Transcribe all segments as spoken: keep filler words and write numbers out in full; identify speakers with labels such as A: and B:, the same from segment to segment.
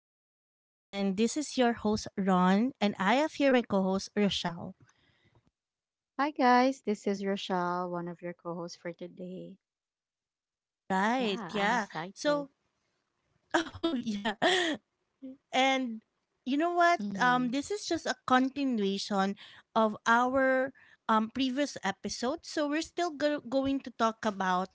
A: Podcast. And this is your host, Ron. And I have here my co host, Rochelle.
B: Hi guys, this is Rochelle, one of your co-hosts for today.
A: Right.
B: Yeah, I'm
A: Yeah.
B: excited.
A: So, oh, yeah. And you know what?
B: Hmm
A: Um, this is just a continuation of our um, previous episode. So we're still go- going to talk about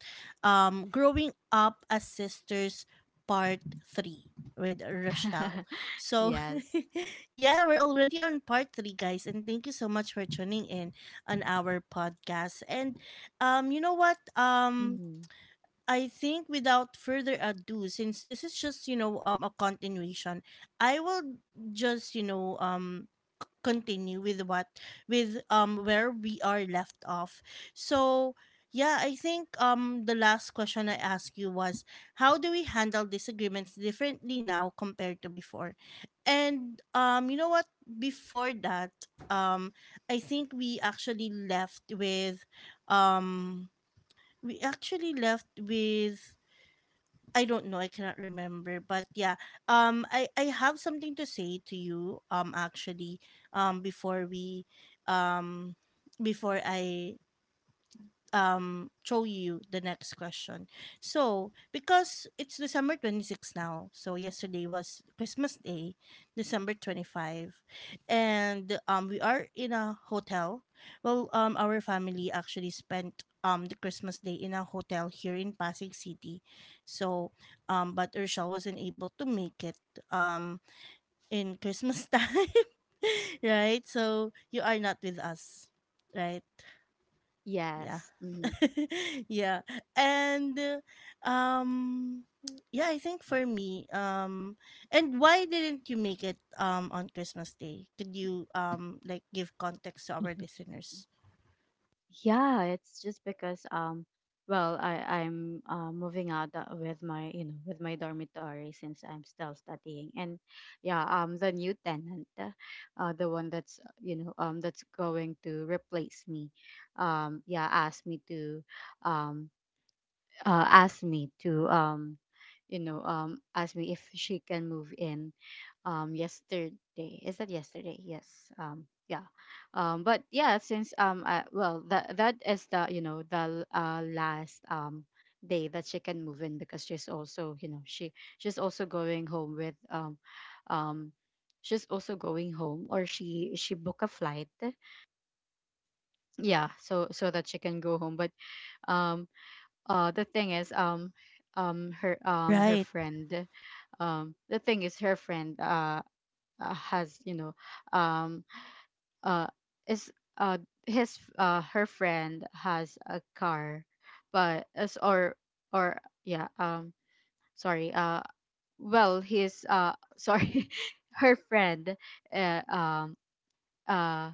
A: um, growing up as sisters, part three with Rochelle. So
B: yes.
A: yeah, we're already on part three, guys, and thank you so much for tuning in on our podcast. And um, you know what? Um,
B: hmm
A: I think without further ado, since this is just you know um a continuation, I will just you know um continue with what with um where we are left off. So yeah, I think um the last question I asked you was how do we handle disagreements differently now compared to before, and um you know what before that um I think we actually left with um we actually left with I don't know. I cannot remember. But yeah, um, I I have something to say to you. Um, actually, um, before we, um, before I um throw you the next question. So because it's December twenty six now, so yesterday was Christmas Day, December twenty five, and um we are in a hotel. Well, um our family actually spent um the Christmas Day in a hotel here in Pasig City. So um but Urshel wasn't able to make it um in Christmas time. Right? So you are not with us. Right? Yeah.
B: Yes. hmm
A: Yeah. And uh, um yeah, I think for me um and why didn't you make it um on Christmas Day? Could you um like give context to our listeners?
B: Yeah, it's just because um, well, I I'm uh, moving out uh, with my you know with my dormitory since I'm still studying, and yeah, um, the new tenant, uh, uh, the one that's uh, you know um that's going to replace me, um, yeah, asked me to, um uh, asked me to um you know um ask me if she can move in um yesterday. Is that yesterday? Yes. Um yeah um but yeah, since um I, well, that that is the you know the uh, last um day that she can move in because she's also you know she she's also going home with um um she's also going home, or she she booked a flight. Yeah, so so that she can go home. But um uh the thing is, um um her um her
A: Right.
B: friend, um the thing is her friend uh uh, has, you know um uh is uh his, uh her friend has a car. But as, or or yeah, um sorry uh well, his, uh sorry her friend, uh, um uh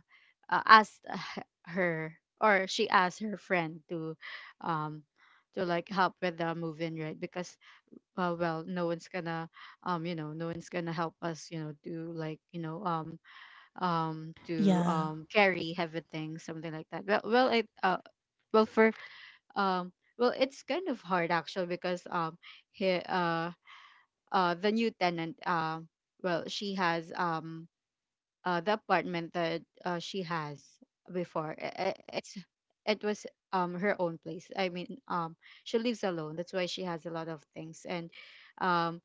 B: uh, asked, uh, h- her, or she asked her friend to, um to like help with the move in, right? Because uh, well, no one's gonna um you know no one's gonna help us, you know, do, like you know um um to
A: Yeah.
B: um carry heavy things, something like that. Well well it uh well for um well it's kind of hard actually because um he uh uh the new tenant, um well, she has, um uh the apartment that uh, she has before, i- i- it's, it was um her own place, I mean, um she lives alone, that's why she has a lot of things. And um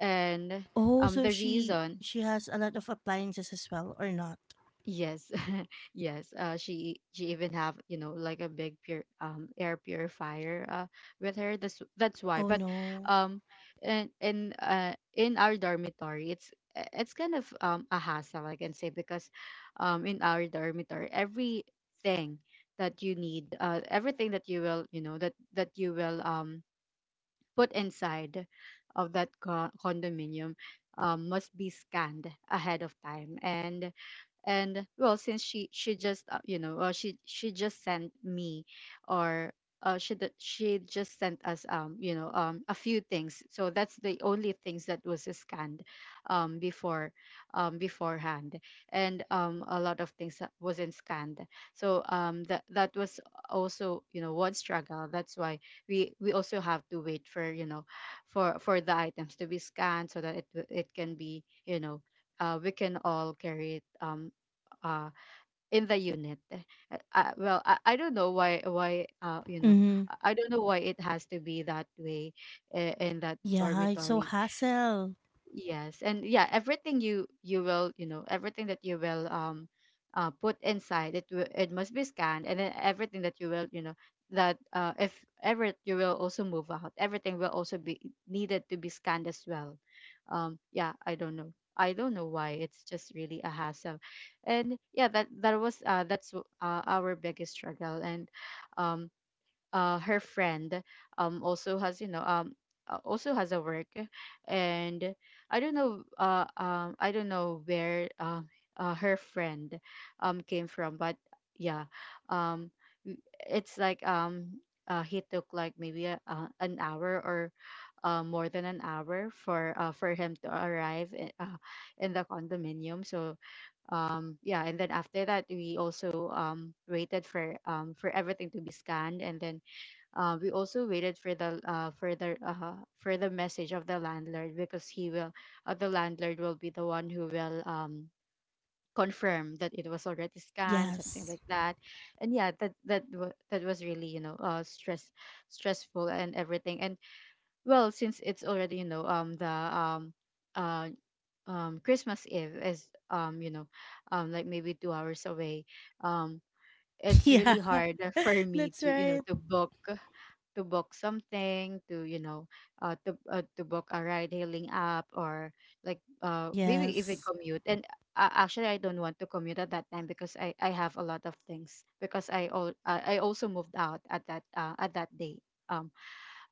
B: and
A: Oh,
B: Um,
A: so
B: the
A: she
B: reason.
A: she has a lot of appliances as well or not?
B: Yes. Yes, uh she she even have, you know, like a big pure um air purifier uh with her, that's that's why.
A: Oh
B: But
A: no.
B: um and in, uh in our dormitory, it's, uh, it's kind of um a hassle, I can say, because um in our dormitory, everything that you need, uh everything that you will you know that that you will um put inside of that co- condominium, um, must be scanned ahead of time. and and well, since she she just, uh, you know uh, she she just sent me, or uh, she d- she just sent us, um you know um a few things, so that's the only things that was scanned um before um beforehand, and um a lot of things that wasn't scanned. So um that that was also, you know, one struggle. That's why we we also have to wait for, you know, for for the items to be scanned so that it w- it can be, you know, uh, we can all carry it um uh in the unit. Uh, uh, well, I, I don't know why why uh you know
A: Mm-hmm.
B: i I don't know why it has to be that way I- in that
A: Yeah, it's so
B: dormitory.
A: hassle.
B: Yes, and yeah, everything you you will you know everything that you will, um uh, put inside, it will it must be scanned, and then everything that you will, you know, that uh, if ever you will also move out, everything will also be needed to be scanned as well. Um, yeah, I don't know, I don't know why, it's just really a hassle, and yeah, that that was uh, that's uh, our biggest struggle. And um uh, Her friend um also has, you know, um uh, also has a work. And I don't know, uh um I don't know where, uh, uh her friend um came from. But yeah, um w- it's like, um uh, he took like maybe a, uh, an hour, or uh, more than an hour for, uh, for him to arrive in, uh, in the condominium. So um yeah, and then after that we also um waited for, um for everything to be scanned, and then uh, we also waited for the, uh, for the uh, for the message of the landlord, because he will, uh, the landlord will be the one who will, um, confirm that it was already scanned, something
A: Yes.
B: like that. And yeah, that that wa- that was really, you know, uh, stress stressful, and everything. And well, since it's already, you know, um the um uh um Christmas Eve is, um you know um like maybe two hours away. Um, it's
A: Yeah.
B: really hard for me
A: That's
B: to, you know,
A: right.
B: to book, to book something to, you know, uh to uh, to book a ride hailing app, or like, uh maybe even
A: Yes.
B: commute. And uh, actually, I don't want to commute at that time because i i have a lot of things, because I all I I also moved out at that, uh, at that day. Um,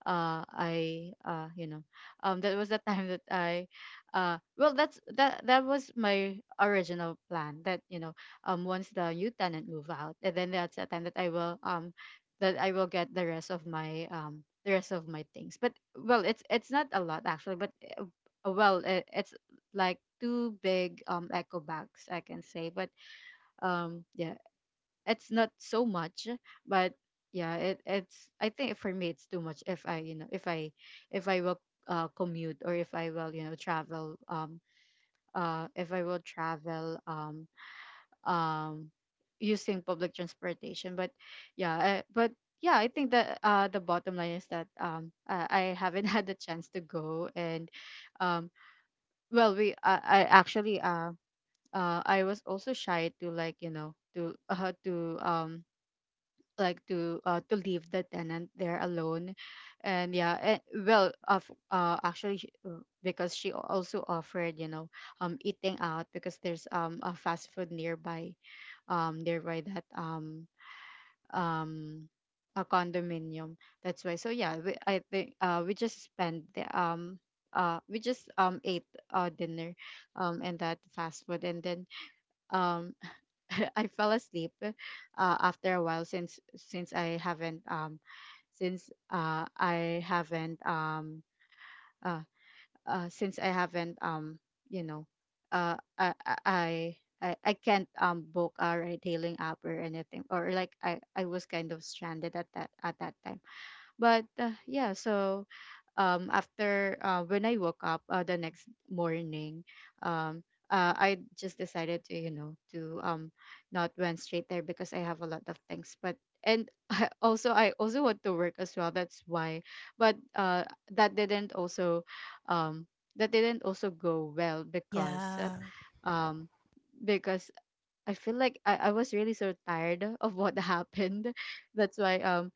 B: uh I uh you know um That was the time that I uh well, that's that that was my original plan that, you know, um once the new tenant move out, and then that's the time that I will, um that i will get the rest of my, um the rest of my things. But well, it's it's not a lot actually. But uh, uh, well, it, it's like two big um echo bags, I can say. But um yeah, it's not so much. But yeah, it, it's, I think for me it's too much if I, you know, if I, if I will, uh, commute, or if I will, you know, travel, um uh if I will travel um um using public transportation. But yeah, uh, but yeah, I think that uh the bottom line is that, um uh, I haven't had the chance to go. And um well, we i, I actually, uh uh, I was also shy to, like, you know, to uh, to um like to uh, to leave the tenant there alone. And yeah, and well, of, uh actually she- uh, because she al- also offered, you know, um eating out, because there's um a fast food nearby, um nearby that um um a condominium, that's why. So yeah, we, I think uh we just spent the, um uh we just um ate uh dinner um and that fast food. And then um I fell asleep uh after a while, since since I haven't um since uh, I haven't um uh, uh since I haven't, um you know uh I I I I I can't um book a retailing app or anything, or like I I was kind of stranded at that, at that time. But uh, yeah, so um after, uh, when I woke up, uh, the next morning, um uh, I just decided to, you know, to um not went straight there because I have a lot of things. But, and I also, I also want to work as well. That's why. But uh that didn't also um that didn't also go well because, uh,
A: Yeah.
B: um because I feel like I, I was really so tired of what happened. That's why um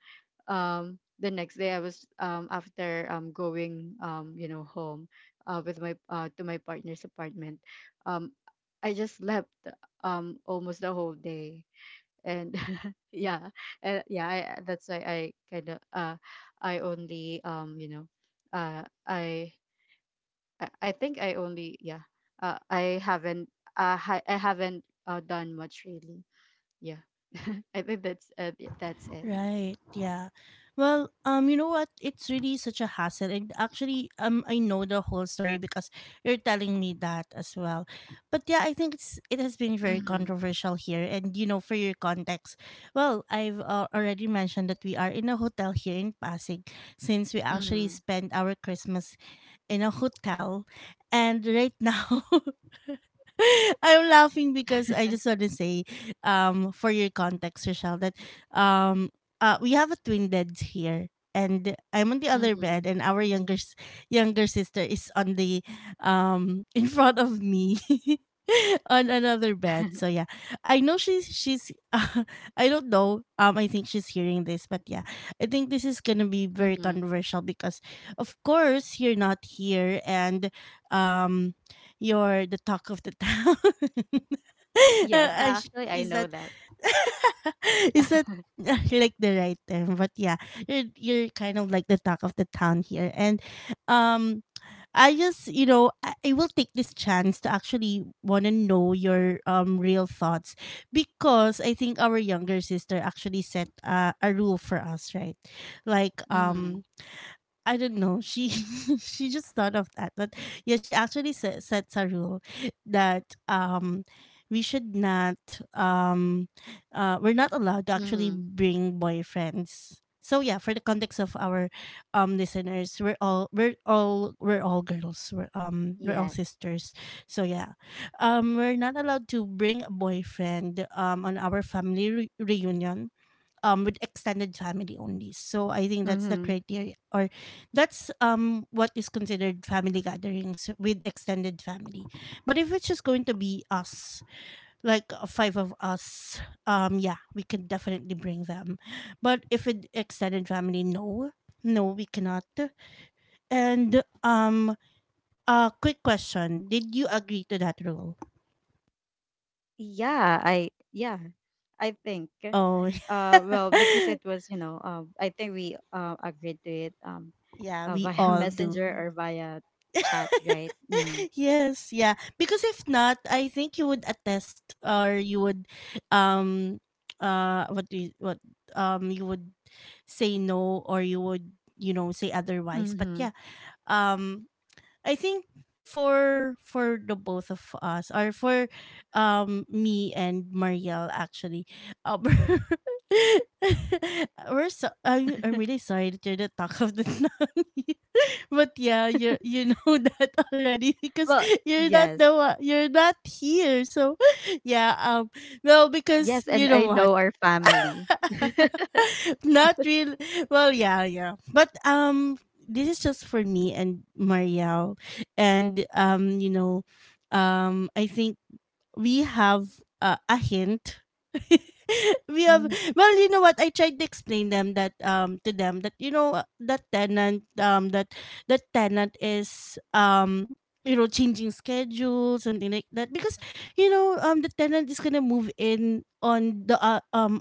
B: um the next day I was, um after um going, um you know, home, uh with my uh to my partner's apartment, um I just slept um almost the whole day. And yeah, uh, yeah, I, that's why I kind of uh I only um you know uh I I I think I only, yeah, uh, i haven't uh, hi- I haven't, uh, done much really. Yeah. I think that's, uh, that's it.
A: Right. Yeah. Well, um, you know what? It's really such a hassle, and actually, um, I know the whole story because you're telling me that as well. But yeah, I think it's it has been very
B: Mm-hmm.
A: controversial here, and you know, for your context, well, I've uh, already mentioned that we are in a hotel here in Pasig, since we actually
B: Mm-hmm.
A: spent our Christmas in a hotel, and right now. I'm laughing because I just want to say, um, for your context, Rochelle, that um, uh, we have a twin beds here, and I'm on the other
B: Mm-hmm.
A: bed, and our younger s- younger sister is on the um in front of me. On another bed. So yeah, I know she's she's I don't know, um I think she's hearing this, but yeah, I think this is gonna be very
B: Mm-hmm.
A: controversial because of course you're not here, and um you're the talk of the town.
B: Yes,
A: Uh, I sh-
B: actually, I
A: is that
B: know that.
A: is that uh, like the right term? But yeah, you're you're kind of like the talk of the town here. And um, I just you know I, I will take this chance to actually want to know your um real thoughts because I think our younger sister actually set uh, a rule for us, right? Like
B: Mm-hmm.
A: um I don't know. She she just thought of that, but yeah, she actually set, sets a rule that um we should not um uh we're not allowed to actually
B: Mm-hmm.
A: bring boyfriends. So yeah, for the context of our um listeners, we're all we're all we're all girls. We're um we're all
B: Yes.
A: sisters. So yeah, um we're not allowed to bring a boyfriend um on our family re- reunion um with extended family only. So I think that's the
B: Mm-hmm.
A: criteria or that's um what is considered family gatherings with extended family. But if it's just going to be us, like uh, five of us, um yeah, we can definitely bring them. But if it extended family, no. No, we cannot. And um uh quick question. Did you agree to that rule?
B: Yeah, I, yeah, I think.
A: Oh.
B: Uh, well, because it was, you know, um, I think we uh, agreed to it um
A: Yeah,
B: uh,
A: we
B: via
A: all
B: messenger,
A: do.
B: or via chat, right? Mm.
A: Yes, yeah. Because if not, I think you would attest or you would um uh what do you, what um you would say no or you would you know say otherwise. But
B: Mm-hmm.
A: yeah. Um I think for for the both of us or for um me and Marielle actually, uh, we're so I'm, I'm really sorry that you're the talk of the town here. But yeah, you you know that already because
B: Well,
A: you're not
B: yes,
A: the one, you're not here. So yeah. Um well, because
B: yes,
A: you
B: and
A: know
B: I
A: what?
B: know our family.
A: Not real. Well, yeah, yeah. But um, this is just for me and Marielle, and um, you know, um, I think we have uh, a hint. We have,
B: Mm-hmm.
A: well, you know what? I tried to explain them that um to them that you know uh, that tenant um that that tenant is um you know changing schedule something like that because you know um the tenant is gonna move in on the uh, um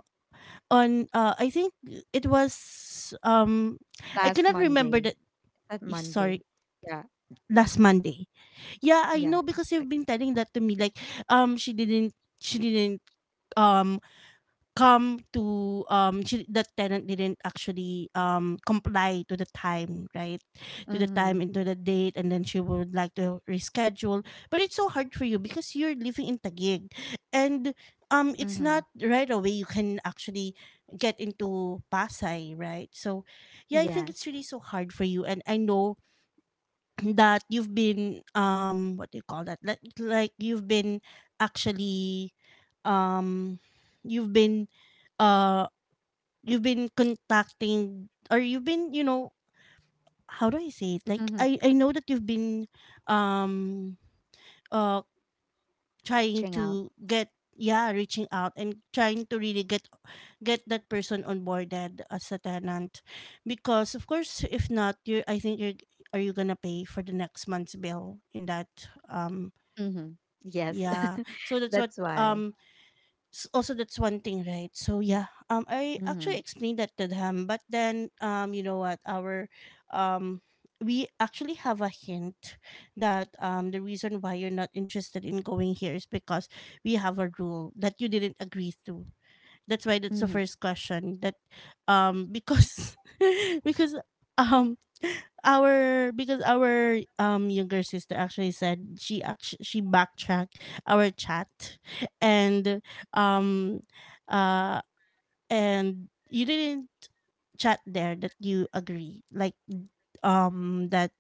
A: on uh I think it was um I
B: Last
A: cannot remember
B: Monday.
A: that
B: Is that
A: sorry
B: Monday? Yeah,
A: last Monday. Yeah, I
B: yeah.
A: know because
B: Like,
A: you've been telling that to me like um she didn't she didn't um come to um she, the tenant didn't actually um comply to the time, right? To the
B: mm-hmm,
A: time and to the date, and then she would like to reschedule, but it's so hard for you because you're living in Taguig, and um it's
B: mm-hmm.
A: not right away you can actually get into Pasay, right? So yeah, I think it's
B: Yes.
A: really so hard for you, and I know that you've been um what do you call that, like, like you've been actually um you've been uh you've been contacting or you've been you know how do I say it, like
B: Mm-hmm.
A: i i know that you've been um uh trying
B: Reaching out.
A: to get yeah, reaching out and trying to really get get that person onboarded as a tenant because of course if not you, I think you're, are you gonna pay for the next month's bill in that um
B: Mm-hmm. Yes,
A: yeah. So that's what
B: that's why.
A: um s- also that's one thing right. So yeah, um I
B: Mm-hmm,
A: actually explained that to them, but then um you know what, our um we actually have a hint that um the reason why you're not interested in going here is because we have a rule that you didn't agree to. That's why that's the
B: mm-hmm.
A: first question that um because because um our because our um younger sister actually said, she actually she backtracked our chat and um uh and you didn't chat there that you agree, like um that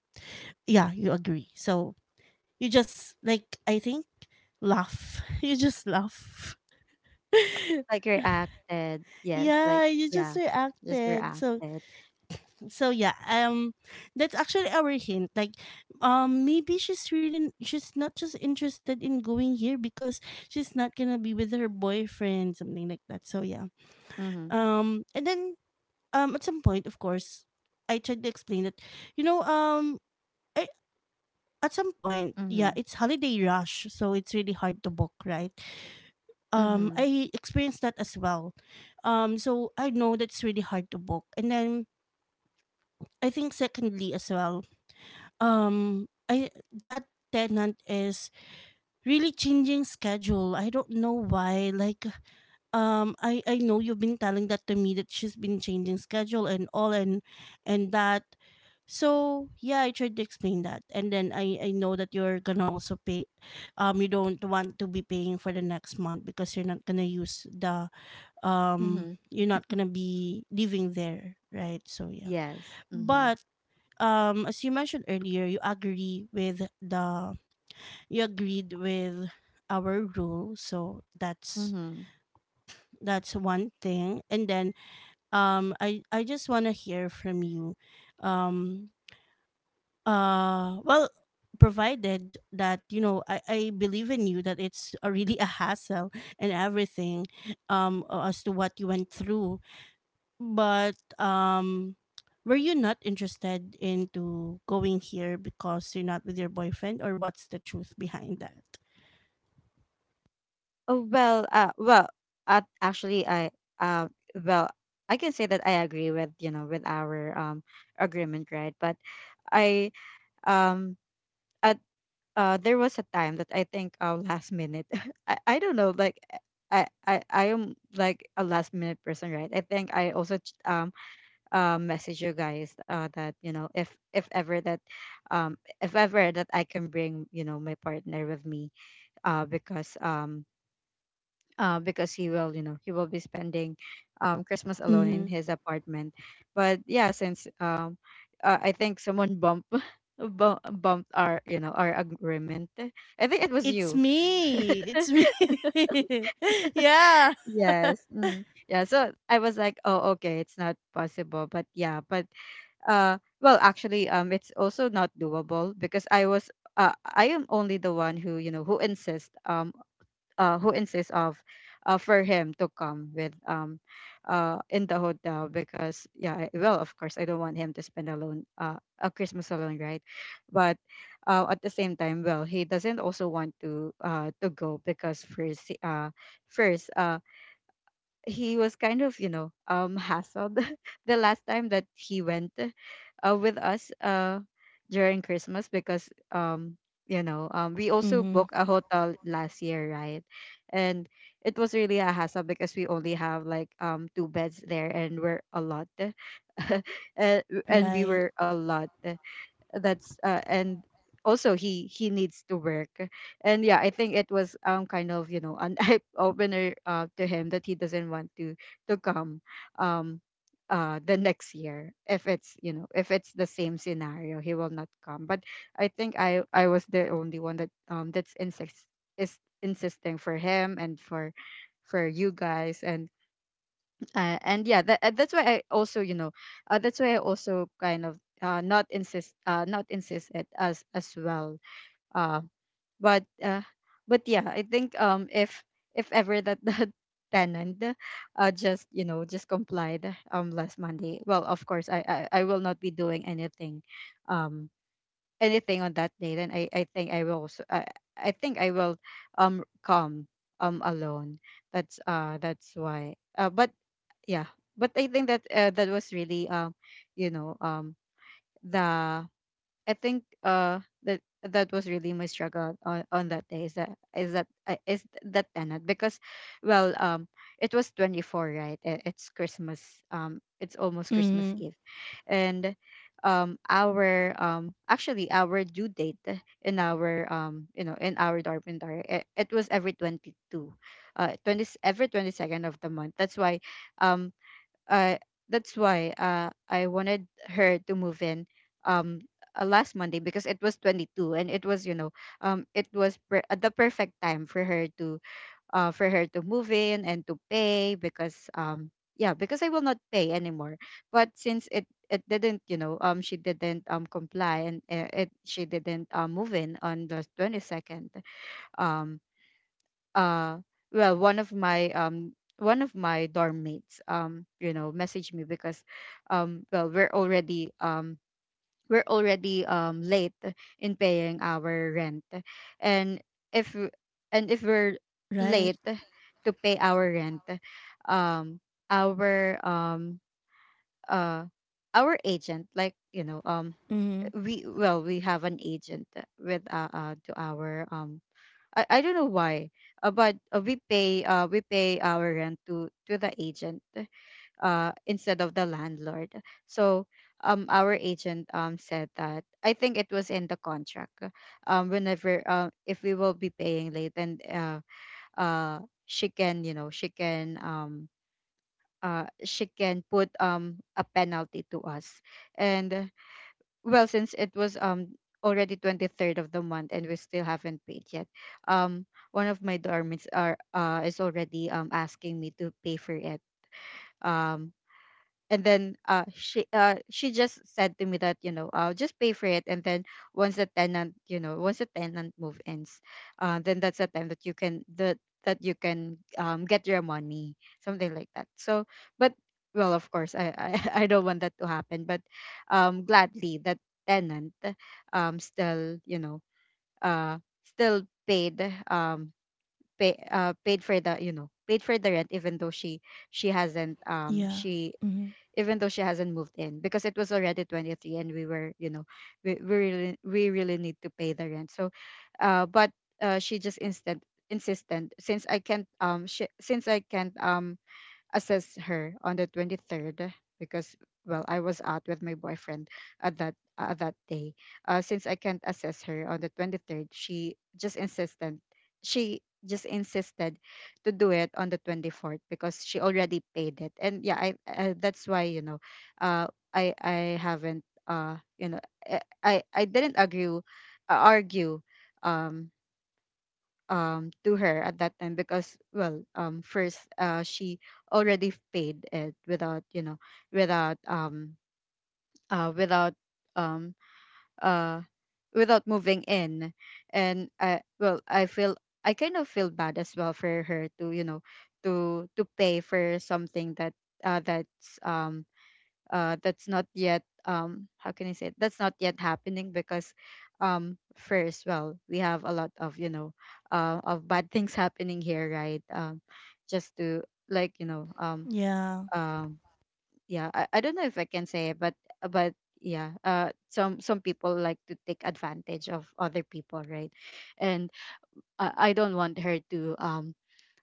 A: yeah, you agree. So you just like I think laugh you just laugh.
B: Like reacted. Yes, like,
A: Yeah, you just
B: yeah, just
A: reacted. So
B: reacted.
A: so yeah, um that's actually our hint. Like um maybe she's really, she's not just interested in going here because she's not gonna be with her boyfriend, something like that. So yeah.
B: Mm-hmm,
A: Um and then um at some point of course I tried to explain that, you know, um I, at some point, yeah,
B: mm-hmm,
A: it's holiday rush, so it's really hard to book, right? Um
B: mm-hmm,
A: I experienced that as well. Um so I know that's really hard to book. And then I think secondly as well, um, I that tenant is really changing schedule. I don't know why. Like, um, I I know you've been telling that to me that she's been changing schedule and all and and that. So yeah, I tried to explain that, and then I I know that you're gonna also pay. Um, you don't want to be paying for the next month because you're not gonna use the um.
B: mm-hmm.
A: You're not gonna be living there, right? So yeah,
B: Yes. Mm-hmm,
A: but um as you mentioned earlier you agree with the you agreed with our rule, so that's
B: mm-hmm.
A: that's one thing. And then um i i just want to hear from you um uh well, provided that you know I, I believe in you that it's a really a hassle and everything, um uh, as to what you went through. But um were you not interested into going here because you're not with your boyfriend or what's the truth behind that?
B: Oh well, uh, well, uh, actually, I, uh, well, I can say that I agree with, you know, with our um agreement, right? But I, um at uh there was a time that I think, uh last minute, I, I don't know, like I, I I am like a last minute person, right? I think I also ch- um uh, message you guys uh that, you know, if, if ever that um if ever that I can bring, you know, my partner with me, uh because um uh, because he will, you know, he will be spending um, Christmas alone in
A: Hmm.
B: his apartment. But yeah, since um, uh, I think someone bumped bu- bumped our, you know, our agreement. I think it was
A: It's
B: you.
A: me. It's me. Yeah.
B: Yes. Mhm. Yeah. So I was like, oh, okay, it's not possible. But yeah, but uh, well, actually, um, it's also not doable because I was, uh, I am only the one who, you know, who insists um uh, who insists of, uh, for him to come with um uh in the hotel, because yeah, I- well, of course I don't want him to spend alone, uh a Christmas alone, right? But uh, at the same time, well, he doesn't also want to uh to go because first he- uh first uh he was kind of, you know um hassled the last time that he went, uh, with us uh during Christmas, because um you know um we also
A: Mm-hmm.
B: booked a hotel last year, right? And it was really a hassle because we only have like, um two beds there and we're a lot uh, and we
A: Right.
B: were a lot that's uh, and also he he needs to work. And yeah, I think it was, um kind of, you know an eye opener, uh, to him, that he doesn't want to to come, um uh the next year, if it's, you know if it's the same scenario, he will not come. But I think i i was the only one that, um that's insist is insisting for him and for for you guys. And uh, and yeah, that, uh, that's why I also, you know uh, that's why I also kind of, uh, not insist uh, not insist it as as well. uh, but uh, but yeah, I think, um if if ever that the tenant uh just, you know just complied, um last Monday, well, of course, i i, I will not be doing anything, um anything on that day, then i i think I will also, i, I think I will, um come, um alone. That's uh that's why uh, But yeah, but I think that, uh, that was really, um you know um the I think, uh that that was really my struggle on, on that day, is that, is that uh, is that tenant, because well, um it was twenty-four, right? I- it's Christmas, um it's almost Christmas
A: Mm-hmm.
B: Eve. And um our um actually, our due date in our, um you know in our dormitory, it, it was every twenty-two, uh twenty every twenty-second of the month. That's why, um uh, that's why uh, I wanted her to move in, um uh, last Monday, because it was twenty-two and it was, you know um it was per- uh, the perfect time for her to, uh for her to move in and to pay, because um yeah, because I will not pay anymore. But since it it didn't, you know um she didn't, um comply, and uh, it she didn't um move in on the twenty-second. um uh well, one of my, um one of my dorm mates, um you know, messaged me, because um well, we're already, um we're already um late in paying our rent. And if w- and if we're
A: Right.
B: late to pay our rent, um our um uh our agent, like, you know um
A: Mm-hmm.
B: we well, we have an agent with, uh, uh to our um I, I don't know why, uh, but uh, we pay, uh, we pay our rent to to the agent, uh, instead of the landlord. So, um, our agent, um, said that I think it was in the contract. Uh, Um, whenever, uh, if we will be paying late, and uh, uh, she can, you know, she can um. Uh, she can put um a penalty to us. And well, since it was, um already twenty-third of the month and we still haven't paid yet, um one of my dormits are uh is already um asking me to pay for it. Um and then uh She, uh she just said to me that, you know, I'll just pay for it, and then, once the tenant, you know, once the tenant move ins, uh then that's the time that you can that that you can um get your money, something like that. So, but, well, of course, i i, I don't want that to happen. But, um gladly, that tenant, um still, you know, uh still paid, um pay uh paid for the, you know paid for the rent, even though she she hasn't um
A: Yeah.
B: she
A: Mm-hmm.
B: even though she hasn't moved in, because it was already twenty-three and we were, you know, we, we really, we really need to pay the rent. So uh but uh she just instant insistent, since I can't, um sh- since i can't um assess her on the twenty-third, because well, I was out with my boyfriend at that, uh, that day. Uh, since I can't assess her on the twenty-third, she just insisted, she just insisted to do it on the twenty-fourth, because she already paid it. And yeah, I uh, that's why, you know uh, I I haven't uh, you know eh, i i didn't agree, uh, argue, um um to her at that time, because well, um first, uh she already paid it, without, you know without um uh without um uh without moving in. And I, well, I feel, I kind of feel bad as well for her to, you know, to to pay for something that, uh that's, um uh, that's not yet, um how can I say it? That's not yet happening, because, um first, well, we have a lot of, you know, uh, of bad things happening here, right? um just to like you know um
A: Yeah.
B: um yeah, I, I don't know if I can say it, but but yeah, uh some some people like to take advantage of other people, right? And i, I don't want her to, um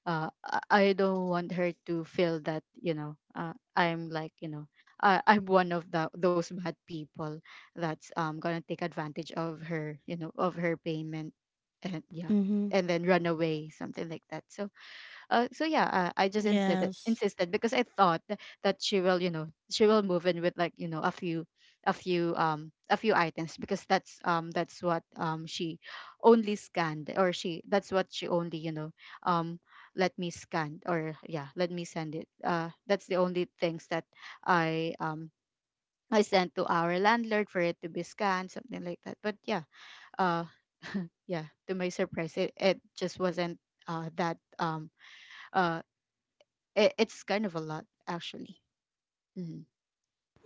B: uh, I I don't want her to feel that, you know, uh, I'm like, you know, I, I'm one of the, those bad people that's, um gonna take advantage of her, you know, of her payment. And yeah,
A: Mhm.
B: and then run away, something like that. So, uh, so yeah, uh, I just insisted
A: Yes.
B: insisted because I thought tha- that she will, you know, she will move in with like, you know, a few, a few, um a few items, because that's, um that's what, um she only scanned, or she that's what she only, you know, um let me scan, or yeah, let me send it. Uh, that's the only things that I, um I sent to our landlord for it to be scanned, something like that. But yeah, uh, yeah, to my surprise, it it just wasn't, uh that um uh it, it's kind of a lot, actually. Hmm.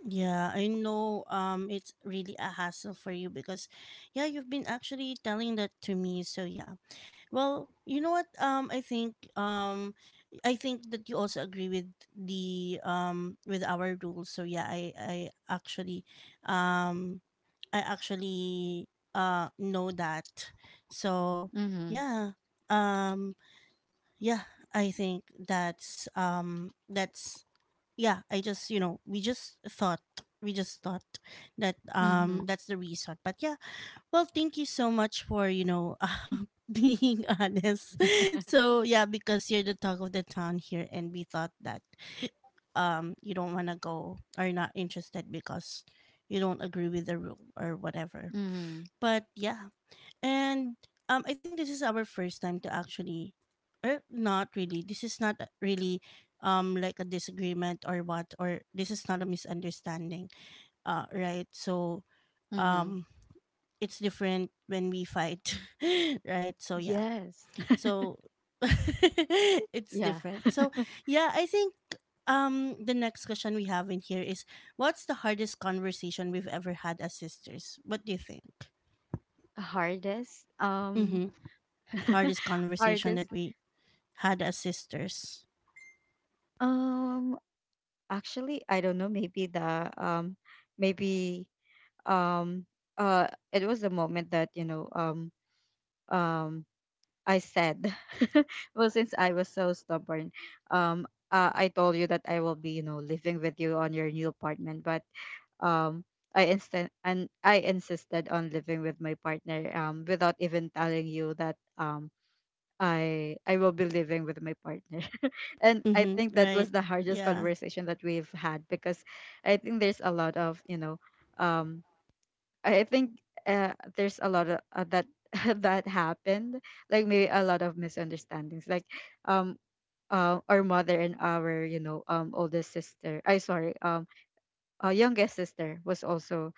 A: Yeah, I know um it's really a hassle for you because yeah, you've been actually telling that to me. So yeah. Well, you know what? Um I think um I think that you also agree with the um with our rules. So yeah, I I actually um I actually uh know that. So
B: Hmm.
A: yeah. Um yeah, I think that's um that's yeah I just you know we just thought we just thought that um
B: Hmm.
A: that's the reason. But yeah, well, thank you so much for you know um, being honest. So yeah, because you're the talk of the town here, and we thought that um you don't want to go or not interested because you don't agree with the rule or whatever.
B: Hmm.
A: But yeah. and um, I think this is our first time to actually, or not really. This is not a- really um like a disagreement or what, or this is not a misunderstanding. Uh, right. So
B: Hmm.
A: um, it's different when we fight, right? So yeah.
B: Yes.
A: So it's
B: Yeah.
A: different. So yeah, I think um the next question we have in here is, what's the hardest conversation we've ever had as sisters? What do you think?
B: Hardest. Um.
A: Mm-hmm. Hardest conversation
B: Hardest.
A: that we had as sisters,
B: Um. Actually, I don't know. Maybe the um. Maybe um. Uh. it was the moment that, you know. Um. Um. I said, well, since I was so stubborn, um. Uh, I told you that I will be, you know, living with you on your new apartment, but, um I instant and I insisted on living with my partner, um without even telling you that, um I I will be living with my partner. And I
A: mm-hmm,
B: think that
A: right?
B: was the hardest
A: Yeah.
B: conversation that we've had, because I think there's a lot of, you know, um I I think, uh, there's a lot of, uh, that that happened, like maybe a lot of misunderstandings, like, um uh, our mother and our, you know, um older sister I sorry um uh, youngest sister was also,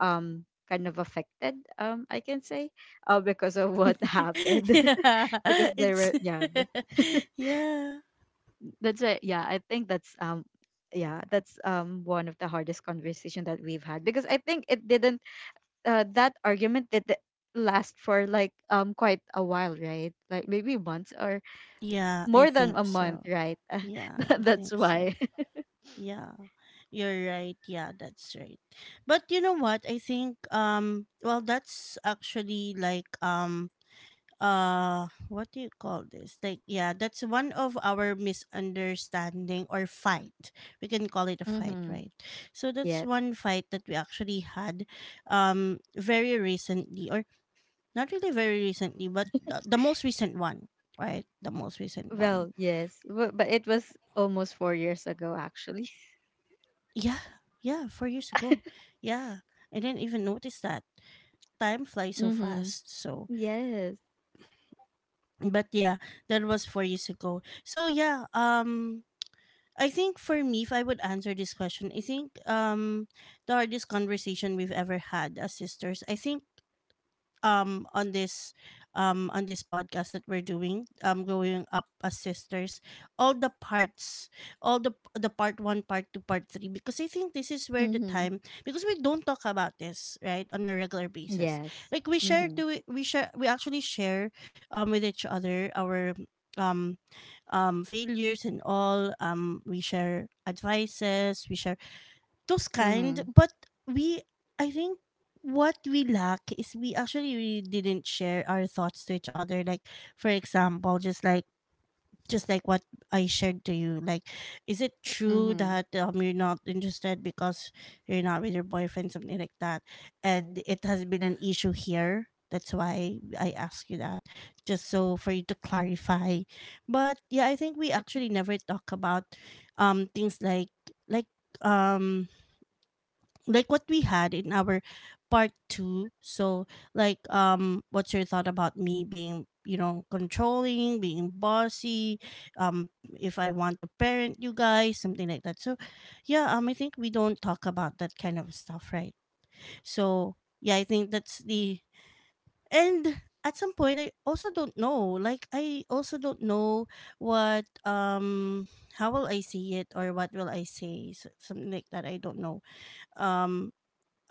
B: um kind of affected, um I can say, uh, because of what happened.
A: Yeah.
B: Because they
A: It's
B: were, yeah, th-
A: yeah.
B: that's it. Yeah, I think that's, um yeah, that's, um one of the hardest conversation that we've had, because I think it didn't, uh, that argument did last for like, um quite a while, right? Like maybe months, or
A: Yeah, I
B: more than
A: think
B: a
A: so.
B: month, right?
A: Yeah, I
B: That-
A: think
B: that's
A: so.
B: why.
A: Yeah. You're right. Yeah, that's right. But you know what? I think um well, that's actually like um uh what do you call this, like, yeah, that's one of our misunderstanding or fight, we can call it a fight,
B: Mm-hmm.
A: right? So that's one fight that we actually had um very recently, or not really very recently, but the, the most recent one, right, the most recent one.
B: Well, yes, bu- but it was almost four years ago, actually.
A: Yeah, Yeah, four years ago. Yeah, I didn't even notice that. Time flies so
B: Mm-hmm.
A: fast. So
B: Yes.
A: but yeah, that was four years ago. So yeah um I think for me, if I would answer this question, I think um the hardest conversation we've ever had as sisters, I think um on this um on this podcast that we're doing, um growing up as sisters, all the parts, all the the part one, part two, part three, because I think this is where the
B: Mm-hmm.
A: time, because we don't talk about this, right, on a regular basis.
B: Yes.
A: Like we share
B: Mm-hmm.
A: to we share we actually share um with each other our um um failures and all. Um we share advices, we share those kind.
B: Mm-hmm.
A: But we I think what we lack is we actually really didn't share our thoughts to each other. Like, for example, just like, just like what I shared to you, like, is it true
B: Mm-hmm.
A: that um, you're not interested because you're not with your boyfriend, something like that? And it has been an issue here, that's why I ask you that, just so for you to clarify. But yeah, I think we actually never talk about um things like, like um like what we had in our part two. So like, um what's your thought about me being, you know, controlling, being bossy, um if I want to parent you guys, something like that? So yeah, um I think we don't talk about that kind of stuff, right? So yeah, I think that's the, and at some point I also don't know, like, I also don't know what, um how will I say it, or what will I say? So, something like that, I don't know. um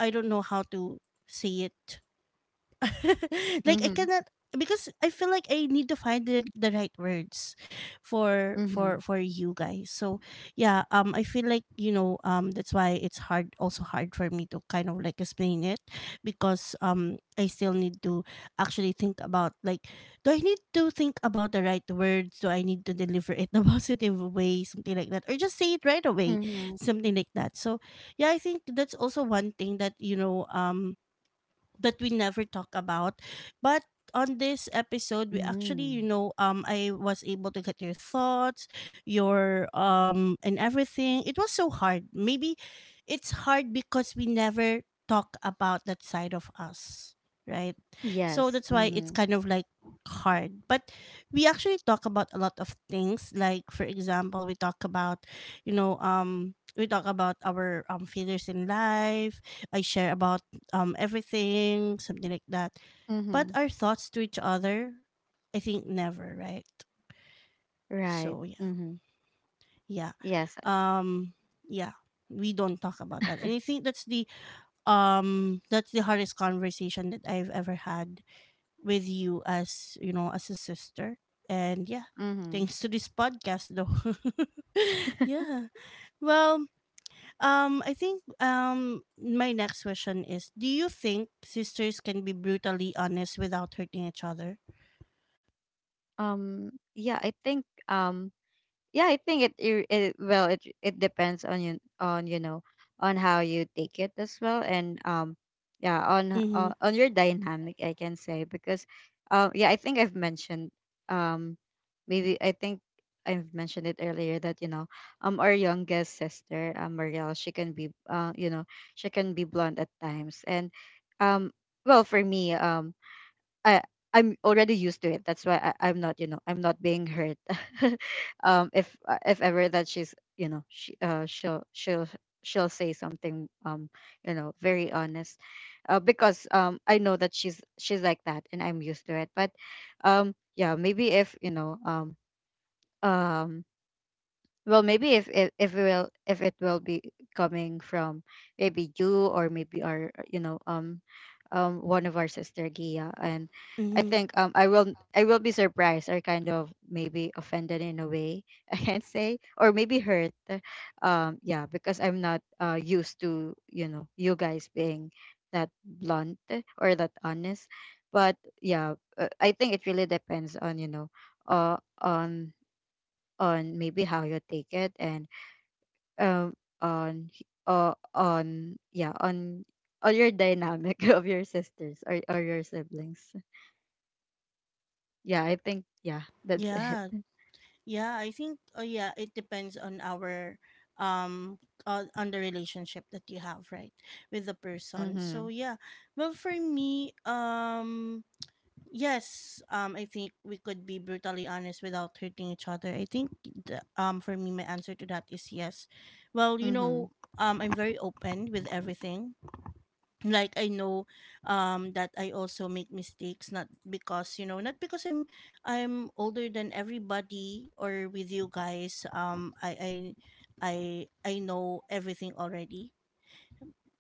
A: I don't know how to say it. Like I
B: Mm-hmm.
A: cannot, because I feel like I need to find the, the right words for
B: Mm-hmm.
A: for for you guys. So yeah, um I feel like, you know, um that's why it's hard, also hard for me to kind of like explain it, because um I still need to actually think about, like, do I need to think about the right words? Do I need to deliver it in a positive way, something like that? Or just say it right away,
B: Mm-hmm.
A: something like that. So yeah, I think that's also one thing that, you know, um that we never talk about. But on this episode, we actually, you
B: Mm-hmm.
A: know, um, I was able to get your thoughts, your um, and everything. It was so hard. Maybe it's hard because we never talk about that side of us, right? So
B: Yes.
A: that's why it's
B: Mm-hmm.
A: kind of like hard. But we actually talk about a lot of things. Like, for example, we talk about, you know, um, we talk about our um failures in life. I share about um everything, something like that. But
B: Mm-hmm.
A: our thoughts to each other, I think never, right?
B: Right.
A: So yeah.
B: Mm-hmm.
A: Yeah.
B: Yes.
A: Um yeah. We don't talk about that. And I think that's the um that's the hardest conversation that I've ever had with you as, you know, as a sister. And yeah.
B: Mm-hmm.
A: Thanks to this podcast though. Yeah. Well, Um, I think um my next question is, do you think sisters can be brutally honest without hurting each other?
B: Um, yeah, I think, um yeah, I think it, it, it, well, it it depends on you, on, you know, on how you take it as well, and um yeah, on, uh,
A: Mhm.
B: on your dynamic, I can say. Because, uh, yeah, I think I've mentioned, um maybe I think I've mentioned it earlier, that, you know, um our youngest sister, um, Marielle, she can be, uh you know, she can be blonde at times, and, um well, for me, um I I'm already used to it. That's why I, I'm not, you know, I'm not being hurt. um, if uh, if ever that she's, you know, she uh she'll she'll she'll say something um you know very honest uh, because um I know that she's she's like that and I'm used to it but um yeah maybe if you know um um well maybe if if if it will if it will be coming from maybe you or maybe our uh, you know um um one of our sister Gia. And I
A: Mhm.
B: think um I will I will be surprised or kind of maybe offended in a way, I can say, or maybe hurt um yeah, because I'm not uh used to, you know, you guys being that blunt or that honest. But yeah, uh, I think it really depends on, you know, uh on on maybe how you take it, and um on h- uh, on yeah on on your dynamic of your sisters, or, or your siblings. Yeah, I think yeah that's it.
A: Yeah. Yeah, I think, oh yeah, it depends on our um uh, on the relationship that you have, right? With the person.
B: Mm-hmm.
A: So yeah. Well, for me, um yes, um, I think we could be brutally honest without hurting each other. I think, the, um, for me, my answer to that is yes. Well, you
B: Mm-hmm.
A: know, um, I'm very open with everything. Like I know, um, that I also make mistakes, not because, you know, not because I'm, I'm older than everybody or with you guys. Um, I, I, I, I know everything already.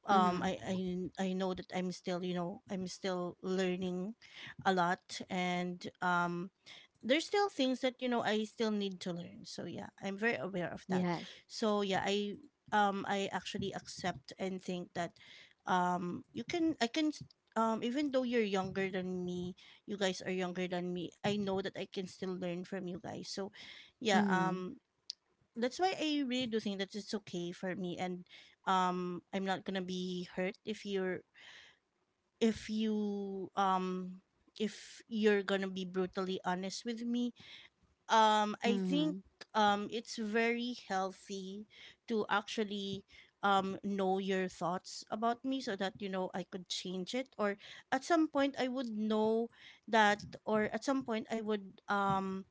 A: um
B: Mm-hmm.
A: I, I I know that I'm still, you know, I'm still learning a lot. And um there's still things that, you know, I still need to learn. So yeah, I'm very aware of that.
B: Yes.
A: So yeah, i um i actually accept and think that um you can I can s- um even though you're younger than me, you guys are younger than me, I know that I can still learn from you guys. So yeah,
B: Mm-hmm.
A: um that's why I really do think that it's okay for me. And um I'm not gonna be hurt if you're, if you um if you're gonna be brutally honest with me. Um I think
B: Mm-hmm.
A: um it's very healthy to actually um know your thoughts about me, so that, you know, I could change it, or at some point I would know that, or at some point I would, um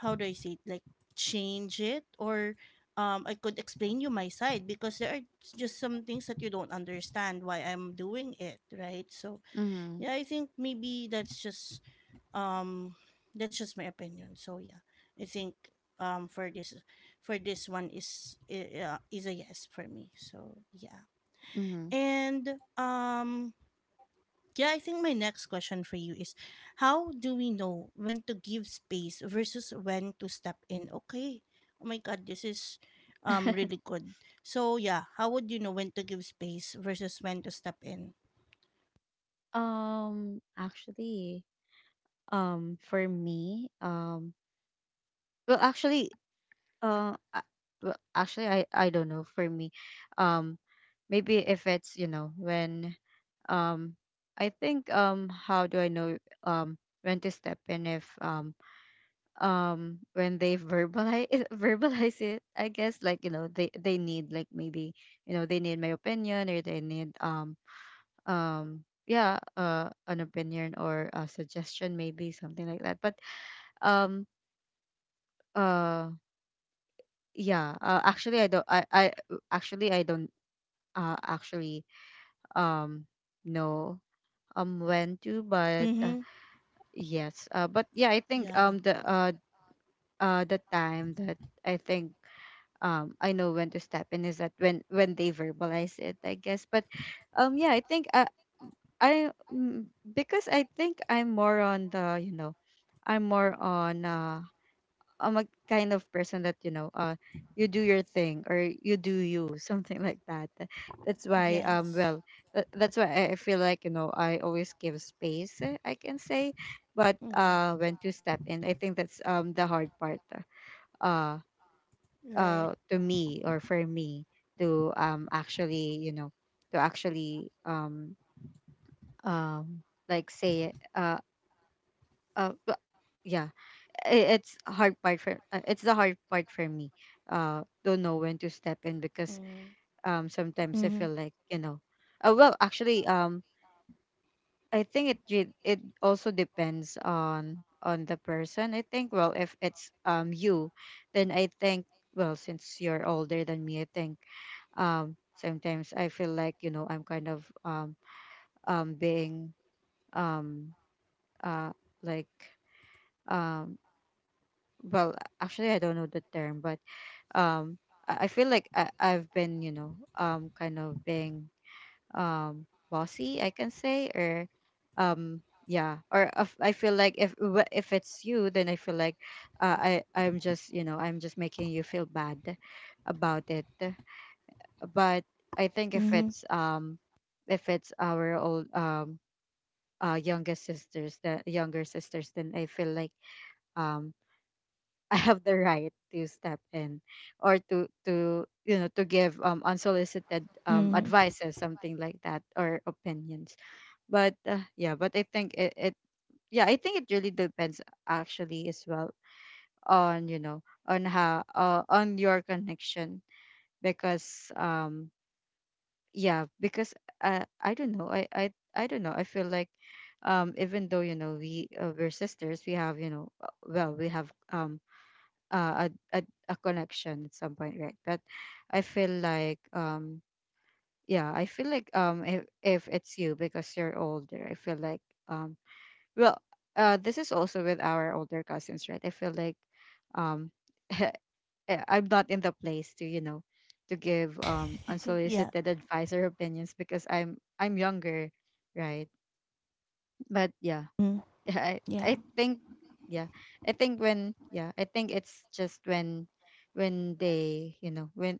A: how do I say it, like, change it, or um I could explain you my side, because there are just some things that you don't understand why I'm doing it, right? So
B: Mm-hmm.
A: yeah, I think maybe that's just um that's just my opinion. So yeah, I think um for this for this one is i- uh, is a yes for me. So yeah,
B: Mm-hmm.
A: and um yeah, I think my next question for you is, how do we know when to give space versus when to step in? Okay. Oh my god, this is um really good. So yeah, how would you know when to give space versus when to step in?
B: um actually, um for me, um well actually, uh uh, well actually i i don't know, for me um maybe if it's, you know, when um I think, um how do I know um when to step in if um um when they verbalize verbalize it I guess, like you know they they need, like maybe you know they need my opinion or they need um um yeah uh an opinion or a suggestion, maybe something like that. But um uh yeah, uh, actually I don't I I actually I don't, uh actually um know um when to, but uh,
A: Mm-hmm.
B: yes, uh, but yeah I think
A: Yeah.
B: um the uh uh the time that I think um I know when to step in is that when when they verbalize it, I guess. But um yeah, I think uh, I, mm, because I think I'm more on the, you know, I'm more on uh I'm a kind of person that, you know, uh, you do your thing, or you do you, something like that. That's why, um,
A: Yes.
B: well, tha- that's why I I feel like, you know, I always give space. Eh, I can say, but
A: Mm.
B: uh, when to step in, I think that's um the hard part. Uh,
A: Right.
B: uh, to me, or for me, to um actually, you know, to actually um um like say it uh uh. but- yeah, i- it's a hard part for uh, it's the hard part for me. Uh don't know when to step in, because
A: Mm.
B: um sometimes I
A: Mm-hmm.
B: feel like, you know, uh, well actually um I think it re- it also depends on on the person, I think. Well, if it's um you, then I think, well, since you're older than me, I think um sometimes I feel like, you know, I'm kind of um um being um uh like um well actually I don't know the term, but um I I feel like I, I've been, you know, um kind of being um bossy, I can say, or um yeah, or if, I feel like if wh- if it's you, then I feel like uh, i i'm just, you know, I'm just making you feel bad about it. But I think if
A: Mm-hmm.
B: it's um if it's our old um uh younger sisters, the younger sisters then I feel like um I have the right to step in, or to to you know, to give um unsolicited um
A: Mm-hmm.
B: advices, something like that, or opinions. But uh, yeah, but I think it, it yeah I think it really depends, actually, as well, on, you know, on how, uh, on your connection. Because um yeah, because uh, I don't know, I I I don't know, I feel like um even though, you know, we uh, we're sisters, we have, you know, uh, well, we have um uh, a, a a connection at some point, right? But I feel like um yeah, I feel like um if if it's you, because you're older, I feel like um well, uh this is also with our older cousins, right? I feel like um eh, I'm not in the place to, you know, to give um
A: Yeah.
B: unsolicited advice or opinions, because I'm I'm younger, right? But yeah,
A: Mm.
B: yeah, I, I
A: Yeah.
B: think yeah. I think when, yeah, I think it's just when when they, you know, when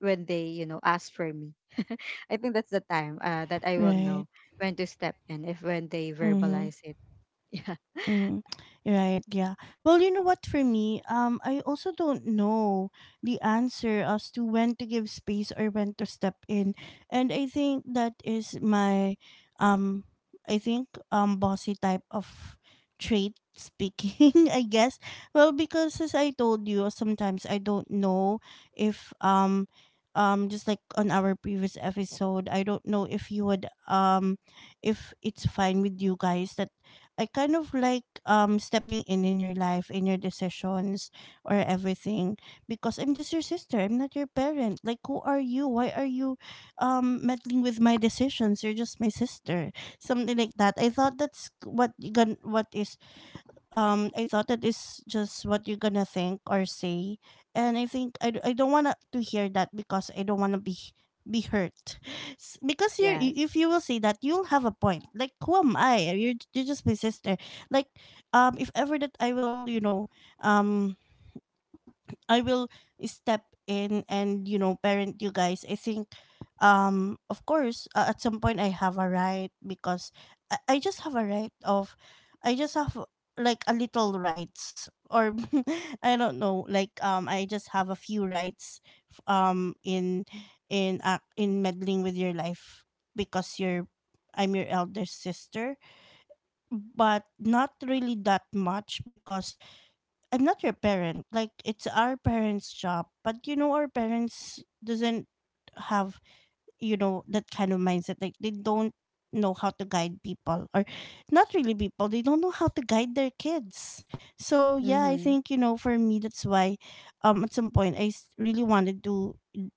B: when they, you know, ask for me. I think that's the time uh that I will
A: Right.
B: know when to step in, if when they
A: Mm-hmm.
B: verbalize it. Yeah.
A: Mm, right, yeah. Well, you know what, for me, um, I also don't know the answer as to when to give space or when to step in. And I think that is my, um, I think, um, bossy type of trait speaking, I guess. Well, because as I told you, sometimes I don't know if, um, um, just like on our previous episode, I don't know if you would, um, if it's fine with you guys that I kind of like um stepping in in your life, in your decisions or everything, because I'm just your sister. I'm not your parent. Like, who are you? Why are you um meddling with my decisions? You're just my sister. Something like that. I thought that's what you gon- what is um I thought that is just what you're gonna think or say, and I think I, d- I don't wanna to hear that because I don't wanna be be hurt, S- because you,
B: Yes.
A: if you will say that, you'll have a point. Like, who am I? You're you're just my sister. Like, um if ever that I will, you know, um I will step in and, you know, parent you guys. I think um of course uh, at some point I have a right, because I, I just have a right of, I just have like a little rights, or I don't know, like, um I just have a few rights f- um in in uh, in meddling with your life, because you're I'm your elder sister, but not really that much, because I'm not your parent. Like, it's our parents' job, but you know, our parents doesn't have, you know, that kind of mindset. Like they don't know how to guide people, or not really people, they don't know how to guide their kids. So yeah, I
B: Mhm.
A: think, you know, for me, that's why um at some point I s- really wanted to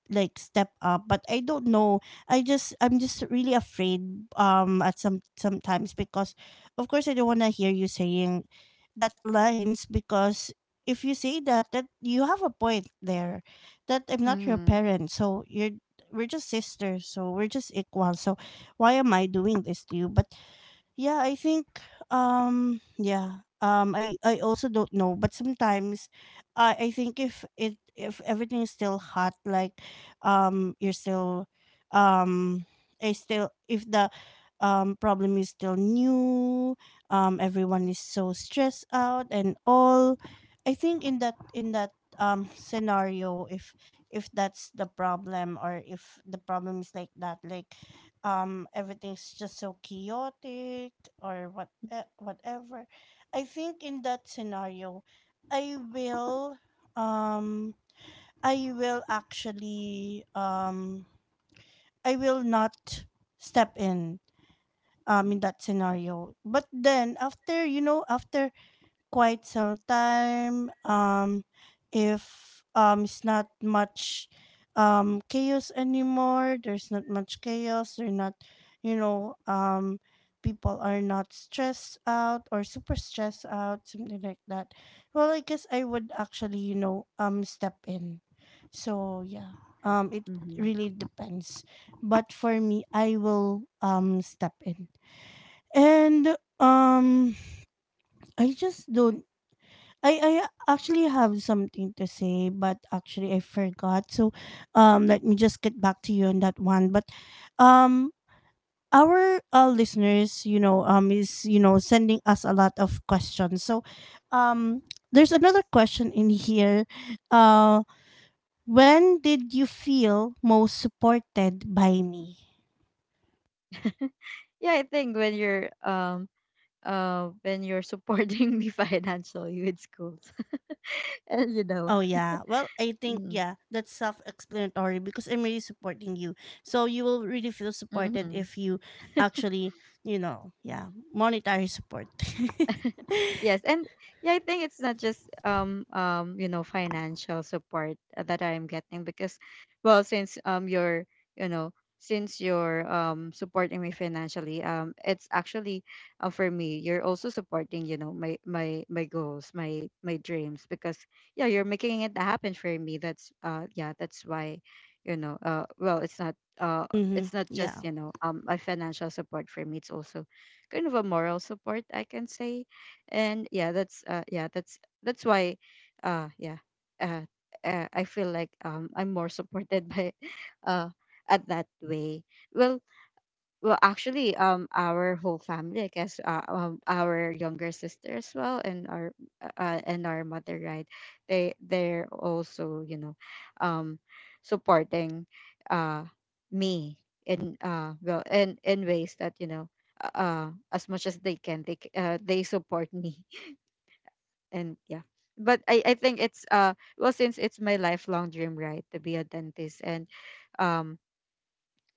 A: like step up, but I don't know, i just I'm just really afraid um at some sometimes, because of course I don't want to hear you saying that lines, because if you say that, that you have a point there, that I'm not your
B: Mhm.
A: parent, so you're we're just sisters, so we're just equal. So why am I doing this to you? But yeah, I think um yeah. Um I I also don't know, but sometimes I I think if it if everything is still hot, like um you're still, um I still, if the um problem is still new, um everyone is so stressed out and all. I think in that in that um scenario, if if that's the problem, or if the problem is like that, like um everything's just so chaotic, or what, eh, whatever. I think in that scenario, i will um i will actually um I will not step in um in that scenario. But then after, you know after quite some time, um if um it's not much um chaos anymore, there's not much chaos, they're not, you know um people are not stressed out, or super stressed out, something like that. Well, I guess I would actually, you know um step in. So yeah,
B: Yes.
A: um it
B: Mhm.
A: really depends. But for me, I will um step in, and um I just don't I I actually have something to say, but actually I forgot. So, um, let me just get back to you on that one. But, um, our uh, listeners, you know, um, is you know sending us a lot of questions. So, um, there's another
B: Yes.
A: question in here. Uh, when did you feel most supported by me?
B: Yeah, I think when you're um uh when you're supporting me financially with schools. And you know.
A: Oh yeah. Well, I think,
B: Mm-hmm.
A: yeah, that's self-explanatory because I'm really supporting you. So you will really feel supported
B: Mm-hmm.
A: if you actually, you know, yeah, monetary support.
B: Yes, and yeah, I think it's not just um um you know, financial support, uh, that I'm getting. Because, well, since um you're, you know, since you're um supporting me financially, um it's actually, uh, for me, you're also supporting, you know, my my my goals, my my dreams, because yeah, you're making it happen for me. That's uh yeah, that's why, you know, uh well, it's not uh
A: Mhm.
B: it's not
A: Yeah.
B: just, you know, um a financial support for me. It's also kind of a moral support, I can say. And yeah, that's uh yeah, that's that's why uh yeah uh, uh I feel like um I'm more supported by uh at that way. Well, well actually, um our whole family, I guess, uh, um, our younger sister as well, and our uh, uh, and our mother, right? They, they're also, you know, um supporting uh me in uh well, in in ways that, you know, uh uh, as much as they can, they c- uh, they support me. And yeah, but I, I think it's uh well, since it's my lifelong dream, right, to be a dentist. And um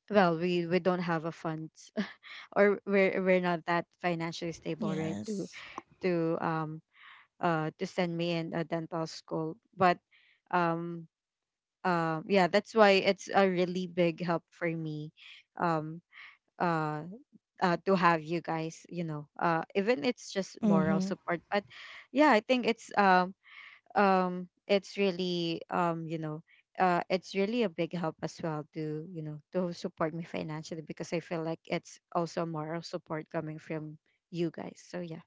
B: well, we we don't have a funds, or we're we're not that financially stable, right, to
A: Yes.
B: to um uh to send me in a dental school. But um uh, yeah, that's why it's a really big help for me, um uh, uh to have you guys, you know, uh even it's just moral
A: Mhm.
B: support. But yeah, I think it's um um it's really, um you know, uh it's really a big help as well, to, you know, to support me financially, because I feel like it's also moral support coming from you guys. So yeah.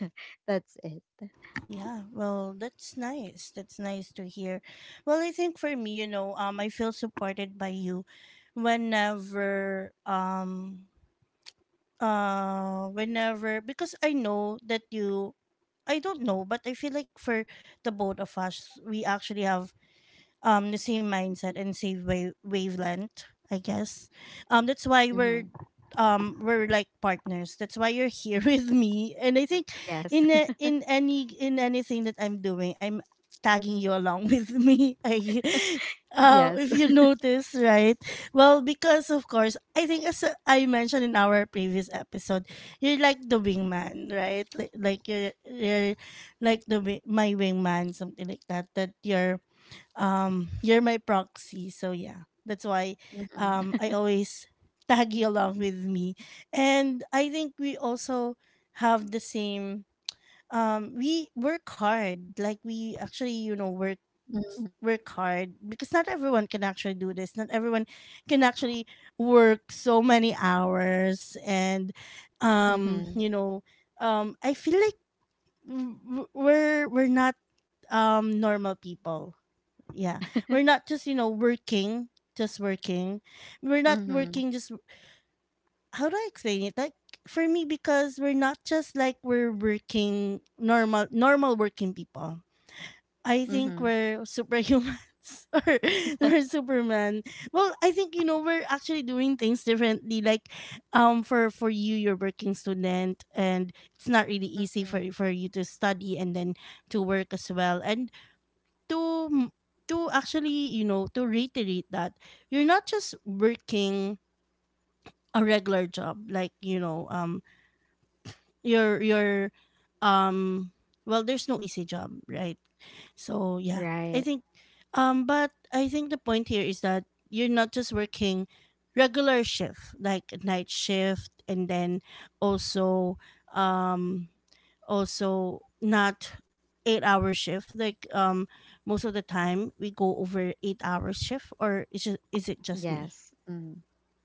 B: That's it.
A: Yeah. Well, that's nice. That's nice to hear. Well, I think for me, you know, um I feel supported by you whenever um uh whenever because I know that you I don't know, but I feel like for the both of us, we actually have um the same mindset and same wave wavelength, I guess. Um that's why we're,
B: Mm-hmm.
A: um we're like partners, that's why you're here with me, and I think
B: Yes.
A: in a, in any in anything that I'm doing, I'm tagging you along with me. I uh,
B: Yes.
A: If you notice, right? Well, because of course I think, as uh, I mentioned in our previous episode, you're like the wingman, right? Like, like you're, you're like the wi- my wingman, something like that, that you're, um you're my proxy. So yeah, that's why um
B: Mm-hmm.
A: I always tag you along with me. And I think we also have the same, um we work hard, like we actually, you know, work
B: Mm-hmm.
A: work hard, because not everyone can actually do this. Not everyone can actually work so many hours, and um
B: Mm-hmm.
A: you know, um I feel like w- w- we're we're not um normal people. Yeah. We're not just, you know, working, just working. We're not
B: Mm-hmm.
A: working just, how do I explain it, like, for me, because we're not just like, we're working normal normal working people. I think we're superhumans, or we're superman. Well, I think, you know, we're actually doing things differently, like um for for you, you're working student, and it's not really easy for
B: Mm-hmm.
A: for you to study and then to work as well, and to m- to actually, you know, to reiterate that you're not just working a regular job, like, you know, um your your um well, there's no easy job, right? So yeah, I
B: Right.
A: think, um but I think the point here is that you're not just working regular shift, like night shift, and then also, um also not eight hour shift, like um most of the time we go over eight hour shift. Or is it, is it just me?
B: Yes. Mm.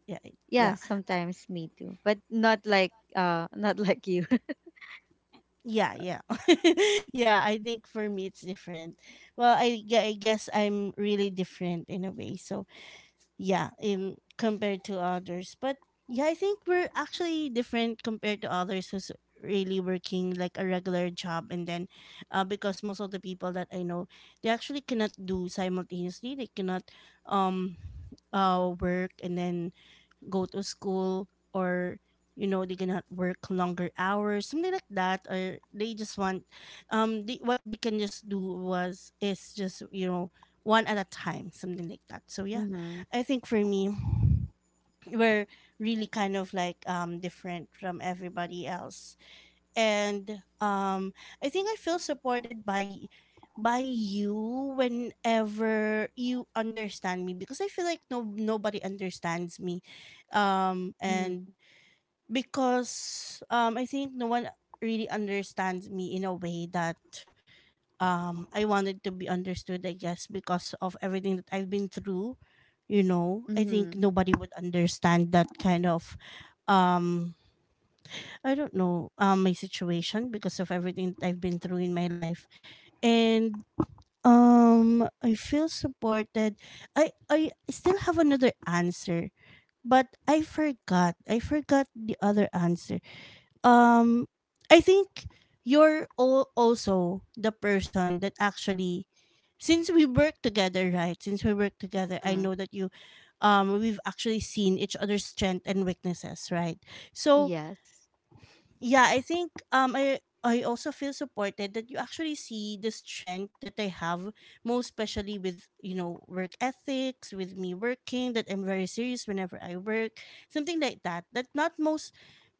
A: yeah it-
B: Yeah,
A: Yeah,
B: sometimes me too, but not like uh not like you.
A: yeah, yeah. Yeah, I think for me it's different. Well, I, gue- I guess I'm really different in a way, so yeah, in compared to others. But yeah, I think we're actually different compared to others who's really working like a regular job. And then, uh, because most of the people that I know, they actually cannot do simultaneously. They cannot um uh work and then go to school, or you know, they cannot work longer hours, something like that. Or they just want, um they, what they can just do was, is just, you know, one at a time, something like that. So yeah.
B: Mm-hmm.
A: I think for me, we're really kind of, like, um different from everybody else. And um I think I feel supported by by you whenever you understand me, because I feel like no nobody understands me, um and
B: Mm-hmm.
A: because um I think no one really understands me in a way that um I wanted to be understood, I guess, because of everything that I've been through. You know, I think nobody would understand that kind of, um I don't know, um my situation, because of everything I've been through in my life. And um I feel supported. I I still have another answer, but I forgot. I forgot the other answer. Um I think you're all also the person that actually, since we work together, right? Since we work together, I
B: Mm-hmm.
A: know that you um we've actually seen each other's strength and weaknesses, right? So
B: Yes.
A: yeah, I think um I I also feel supported that you actually see the strength that I have, most especially with, you know, work ethics, with me working, that I'm very serious whenever I work, something like that, that not most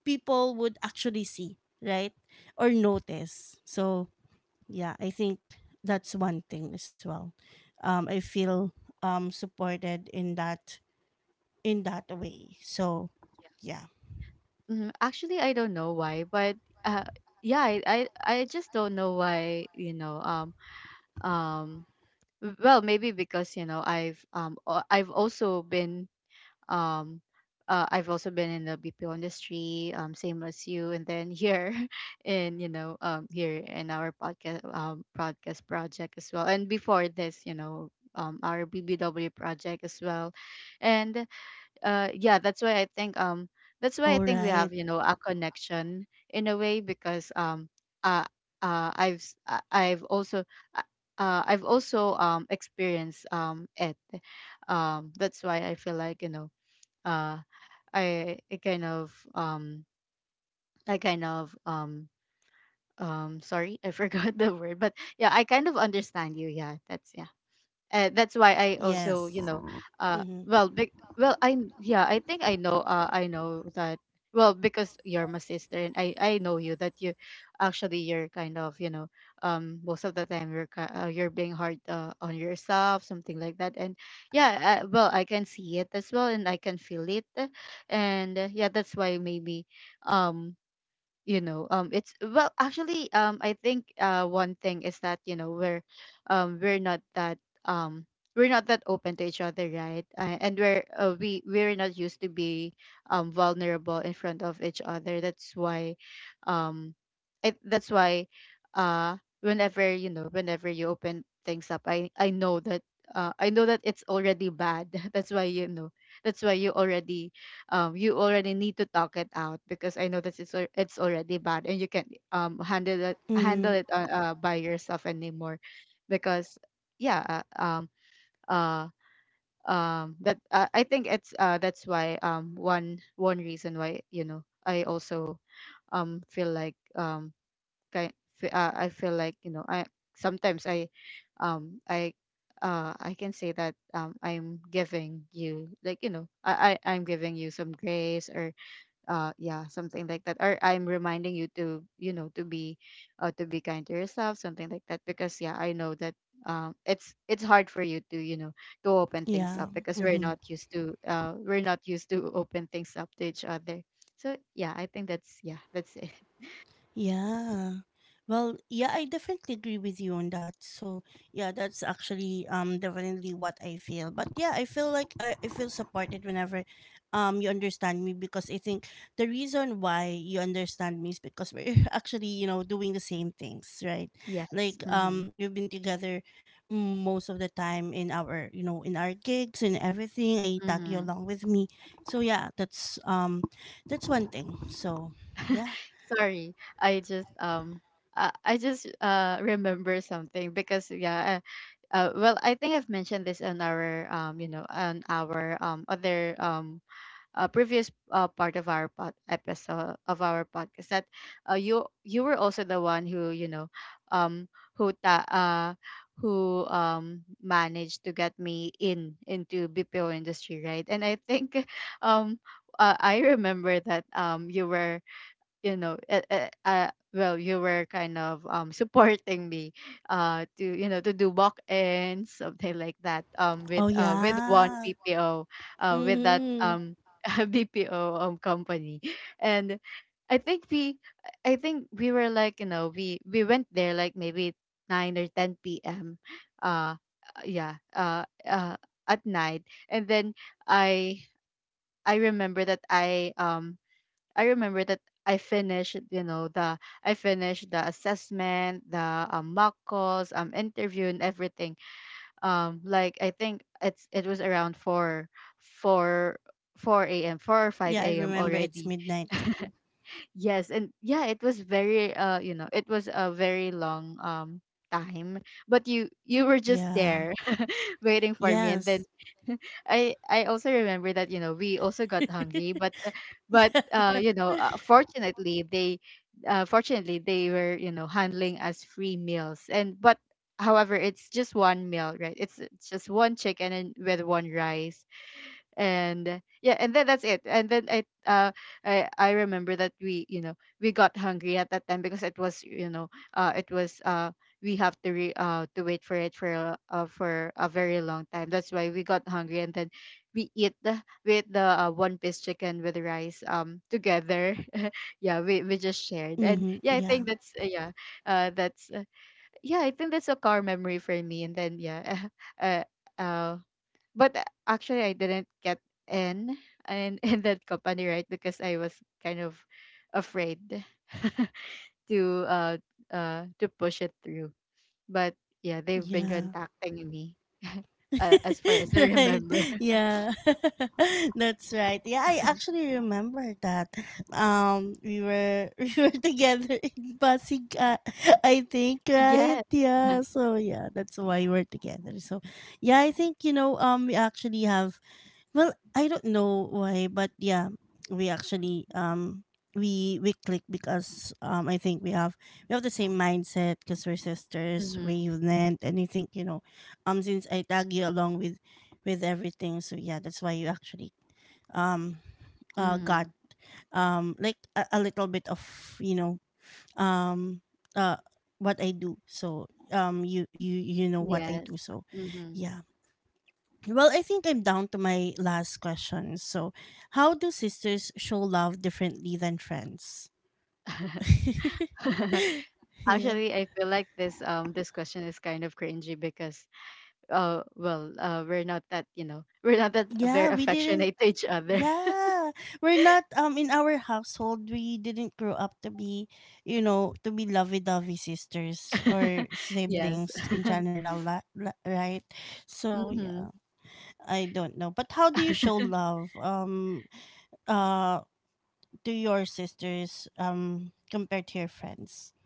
A: people would actually see, right? Or notice. So, yeah, I think that's one thing as well. Um, I feel um supported in that in that way. So, yeah.
B: Mhm. Actually, I don't know why, but uh, yeah, I, I I just don't know why. You know, um, um, well, maybe because, you know, I've um uh, I've also been um. Uh, I've also been in the B P O industry, um, same as you. And then here, in, you know, um, here in our podcast, um, podcast project as well. And before this, you know, um, our B B W project as well. And uh yeah, that's why i think um that's why I
A: All
B: think we
A: right.
B: have, you know, a connection in a way. Because um uh, uh i've s- I- I've also uh, uh, I've also um experienced um it. Um that's why I feel like, you know, uh i I kind of um I kind of um um sorry, I forgot the word. But yeah, I kind of understand you. Yeah, that's yeah, uh, that's why I also,
A: Yes.
B: you know, uh,
A: Mm-hmm.
B: well, be, well, I, yeah, I think I know, uh, I know that. Well, because you're my sister, and I I know you, that you, actually, you're kind of, you know, um, most of the time you're ki- uh, you're being hard uh, on yourself, something like that. And yeah, uh, well, I can see it as well, and I can feel it. And uh, yeah, that's why maybe, um you know, um it's, well actually, um I think, uh one thing is that, you know, we're um we're not that um we're not that open to each other, right? Uh, and we're, uh, we we're not used to be um vulnerable in front of each other. That's why um it, that's why uh whenever, you know, whenever you open things up, I I know that uh, I know that it's already bad. That's why, you know, that's why you already um, you already need to talk it out, because I know that it's al- it's already bad, and you can't um handle it, handle
A: Mm-hmm.
B: it uh, uh, by yourself anymore. Because yeah, uh, um uh um that uh, I think it's uh that's why, um one one reason why, you know, I also um feel like um ki- fe- uh, I feel like, you know, I sometimes I um I uh I can say that um I'm giving you, like, you know, I, I I'm giving you some grace, or uh yeah, something like that, or I'm reminding you to, you know, to be uh to be kind to yourself, something like that. Because yeah, I know that um it's it's hard for you to, you know, to open things
A: Yeah.
B: up, because we're
A: Hmm.
B: not used to uh we're not used to open things up to each other. So yeah, I think that's, yeah, that's it.
A: Yeah. Well, yeah, I definitely agree with you on that. So, yeah, that's actually um definitely what I feel. But yeah, I feel like I, I feel supported whenever um you understand me, because I think the reason why you understand me is because we're actually, you know, doing the same things, right?
B: Yes.
A: Like,
B: Mm-hmm.
A: um we've been together most of the time in our, you know, in our gigs and everything. I tag you
B: Mm-hmm.
A: along with me. So, yeah, that's um that's one thing. So, yeah.
B: Sorry, i just um I I just uh remember something because yeah. Uh, well, I think I've mentioned this on our, um, you know, on our um, other um, uh, previous uh, part of our pod- episode of our podcast that uh, you you were also the one who you know, um, who ta- uh, who um, managed to get me in into B P O industry, right? And I think um, uh, I remember that um, you were you know uh, uh, uh, well you were kind of um supporting me uh to you know to do walk ins, something like that, um
A: Oh
B: with uh with one
A: yeah.
B: B P O, uh with that
A: Mm-hmm.
B: um B P O um company. And I think we I think we were like, you know, we we went there like maybe nine or ten p m, uh yeah, uh uh at night. And then I I remember that I um I remember that I finished, you know, the I finished the assessment, the um, mock calls, um, interview, and everything. Um, like, I think it's it was around four, four, four a m, four or five
A: Yeah, I
B: a m
A: remember it's
B: already.
A: midnight.
B: Yes, and yeah, it was very, uh, you know, it was a very long um time, but you you were just
A: Yeah.
B: there, waiting for me.
A: Yes.
B: And then I I also remember that, you know we also got
A: Yeah.
B: hungry, but uh, but uh you know uh, fortunately they uh, fortunately they were, you know handling us free meals. And but however, it's just one meal, right? It's, it's just one chicken and with one rice. And yeah, and then that's it. And then i uh i i remember that we you know we got hungry at that time because it was you know uh it was uh we have to re- uh to wait for it for a- uh, for a very long time. That's why we got hungry. And then we eat the we ate the uh, one piece chicken with rice um together. Yeah, we, we just shared. And
A: Mm-hmm.
B: yeah, I
A: Yeah.
B: think that's, uh, yeah uh that's, uh, yeah, I think that's a core memory for me. And then yeah. uh, uh but uh, actually, I didn't get in in, in that company, right? Because I was kind of afraid to uh uh to push it through. But yeah, they've been
A: Yeah.
B: contacting me, uh, as far as I
A: Right.
B: remember.
A: Yeah. That's right. Yeah, I actually remember that. Um we were we were together in Pasig, uh, I think, right?
B: Yes.
A: Yeah. So yeah, that's why we're together. So yeah, I think, you know um we actually have, well, I don't know why, but yeah, we actually, um we we click because um I think we have we have the same mindset because we're sisters,
B: Mm-hmm.
A: we're unit, and I think, you know, um since I tag you along with with everything. So yeah, that's why you actually um uh
B: Mm-hmm.
A: got um like a, a little bit of, you know, um uh what I do. So um you you you know what I
B: Yes.
A: do. So
B: Mm-hmm.
A: yeah. Well, I think I'm down to my last question. So, how do sisters show love differently than friends? Yeah.
B: Actually, I feel like this um this question is kind of cringy because uh well, uh we're not that you know we're not that
A: Yeah,
B: very
A: we didn't,
B: affectionate to each other.
A: yeah. We're not, um in our household we didn't grow up to be, you know, to be lovey-dovey sisters or
B: Yes.
A: siblings in general, la- la- right? So,
B: Mm-hmm.
A: yeah. I don't know. But how do you show love um uh to your sisters um compared to your friends?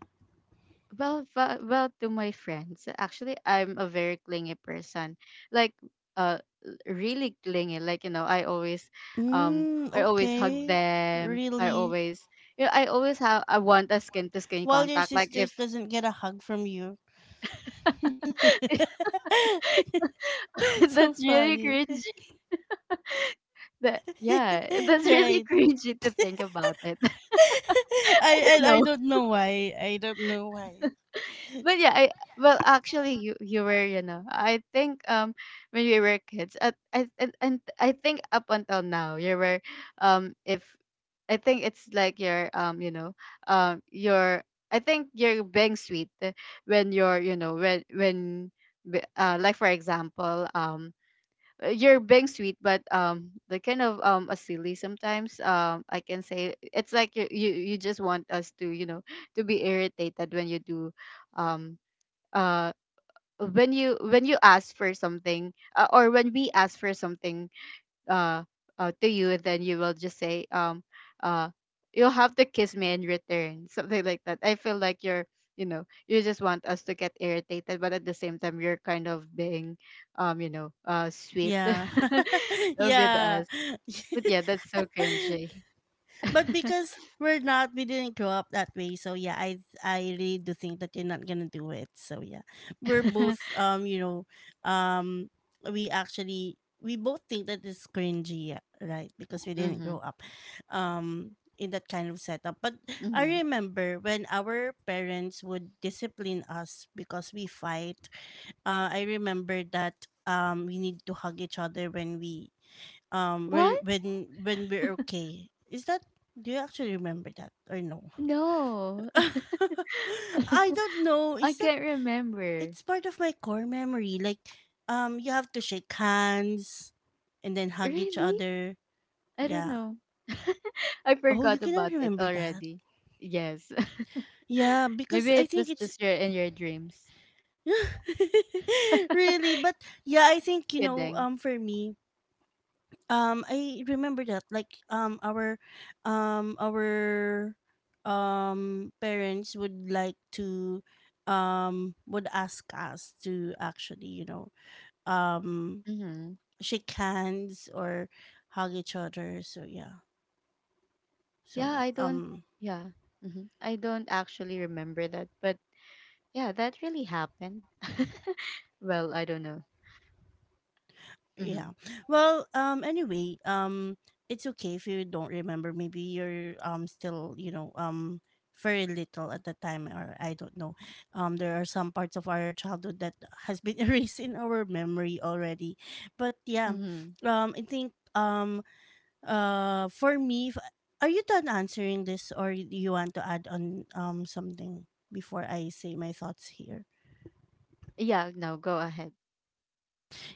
B: Well, fa- well, to my friends, actually, I'm a very clingy person. Like, uh, really clingy. Like, you know, I always, um,
A: Mm,
B: I always hug
A: okay.
B: them. I
A: Really?
B: always, you know, I always have. I want a skin to skin
A: While your
B: contact. Like, if
A: sisters doesn't get a hug from you. So
B: that's really
A: funny.
B: cringy. That yeah, that's really
A: Right.
B: cringy to think about it.
A: I and I don't know why. I don't know why.
B: But yeah, I well actually you you were, you know, I think um when we were kids, at I and, and I think up until now you were, um if I think it's like your, um you know um your, I think you're being sweet when you're, you know, when when b- uh like, for example, um uh, you're being sweet but, um the kind of um a silly sometimes, um I can say it's like you you, you just want us to, you know to be irritated when you do, um uh when you when you ask for something, uh, or when we ask for something uh, uh to you, then you will just say, um uh you'll have to kiss me in return. Something like that. I feel like you're, you know, you just want us to get irritated, but at the same time, you're kind of being, um you know uh sweet
A: Yeah.
B: with
A: Yeah.
B: us. But yeah, that's so cringy.
A: But because we're not, we didn't grow up that way. So yeah, I I really do think that you're not gonna do it. So yeah, we're both, um you know um we actually we both think that it's cringy, yeah, right? Because we didn't
B: Mm-hmm.
A: grow up um in that kind of setup. But I
B: Mm-hmm.
A: remember when our parents would discipline us because we fight. Uh, I remember that um we need to hug each other when we um
B: What?
A: when when when we're okay, is that, do you actually remember that or no?
B: No.
A: I don't know,
B: I
A: is that,
B: can't remember.
A: it's part of my core memory, like um you have to shake hands and then hug each
B: Really?
A: other.
B: I don't
A: Yeah.
B: know. I
A: Oh, you
B: forgot
A: cannot
B: about it
A: remember that.
B: already. Yes.
A: Yeah, because
B: Maybe
A: I
B: it
A: think
B: was
A: it's
B: just your in your dreams.
A: really. But yeah, I think, you know,
B: Kidding.
A: um for me, Um, I remember that, like, um our um our um parents would like to, um would ask us to actually, you know, um
B: Hmm.
A: shake hands or hug each other. So yeah. So
B: Yeah,
A: yeah.
B: I don't.
A: Um
B: Yeah, hmm I don't actually remember that, but yeah, that really happened. Well, I don't know.
A: Yeah.
B: Hmm.
A: Well, um anyway, um it's okay if you don't remember. Maybe you're um still, you know, um very little at the time, or I don't know. Um there are some parts of our childhood that has been erased in our memory already. But yeah,
B: Hmm.
A: um I think, um uh for me, if, are you done answering this, or y- you want to add on um something before I say my thoughts here?
B: Yeah, no, go ahead.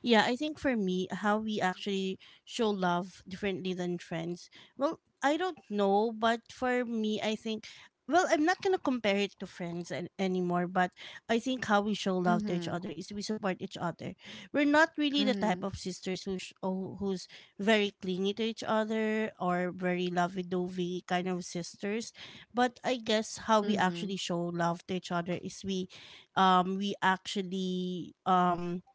A: Yeah, I think for me, how we actually show love differently than friends. Well, I don't know, but for me, I think. Well, I'm not gonna compare it to friends an- anymore, but I think how we show love to each
B: Hmm.
A: other is we support each other. We're not really the type
B: Hmm.
A: of sisters who sh- oh, who's very clingy to each other or very lovey-dovey kind of sisters, but I guess how we
B: Hmm.
A: actually show love to each other is we, um, we actually um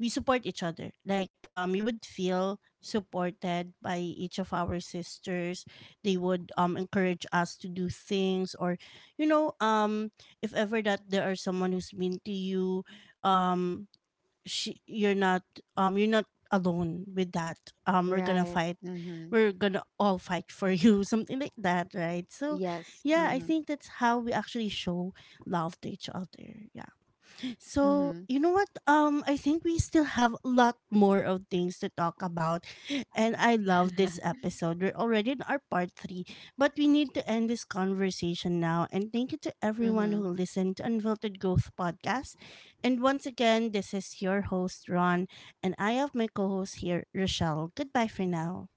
A: we support each other. Like, um you would feel supported by each of our sisters. They would um encourage us to do things, or you know, um if ever that there are someone who's mean to you, um she you're not, um you're not alone with that. Um we're gonna
B: Right.
A: fight.
B: Hmm.
A: We're gonna all fight for you, something like that, right? So
B: Yes.
A: yeah, I
B: Hmm.
A: think that's how we actually show love to each other. So,
B: Hmm.
A: you know what? Um, I think we still have a lot more of things to talk about. And I love this episode. We're already in our part three, but we need to end this conversation now. And thank you to everyone who
B: Hmm.
A: listened to Unfiltered Growth Podcast. And once again, this is your host, Ron, and I have my co host here, Rochelle. Goodbye for now.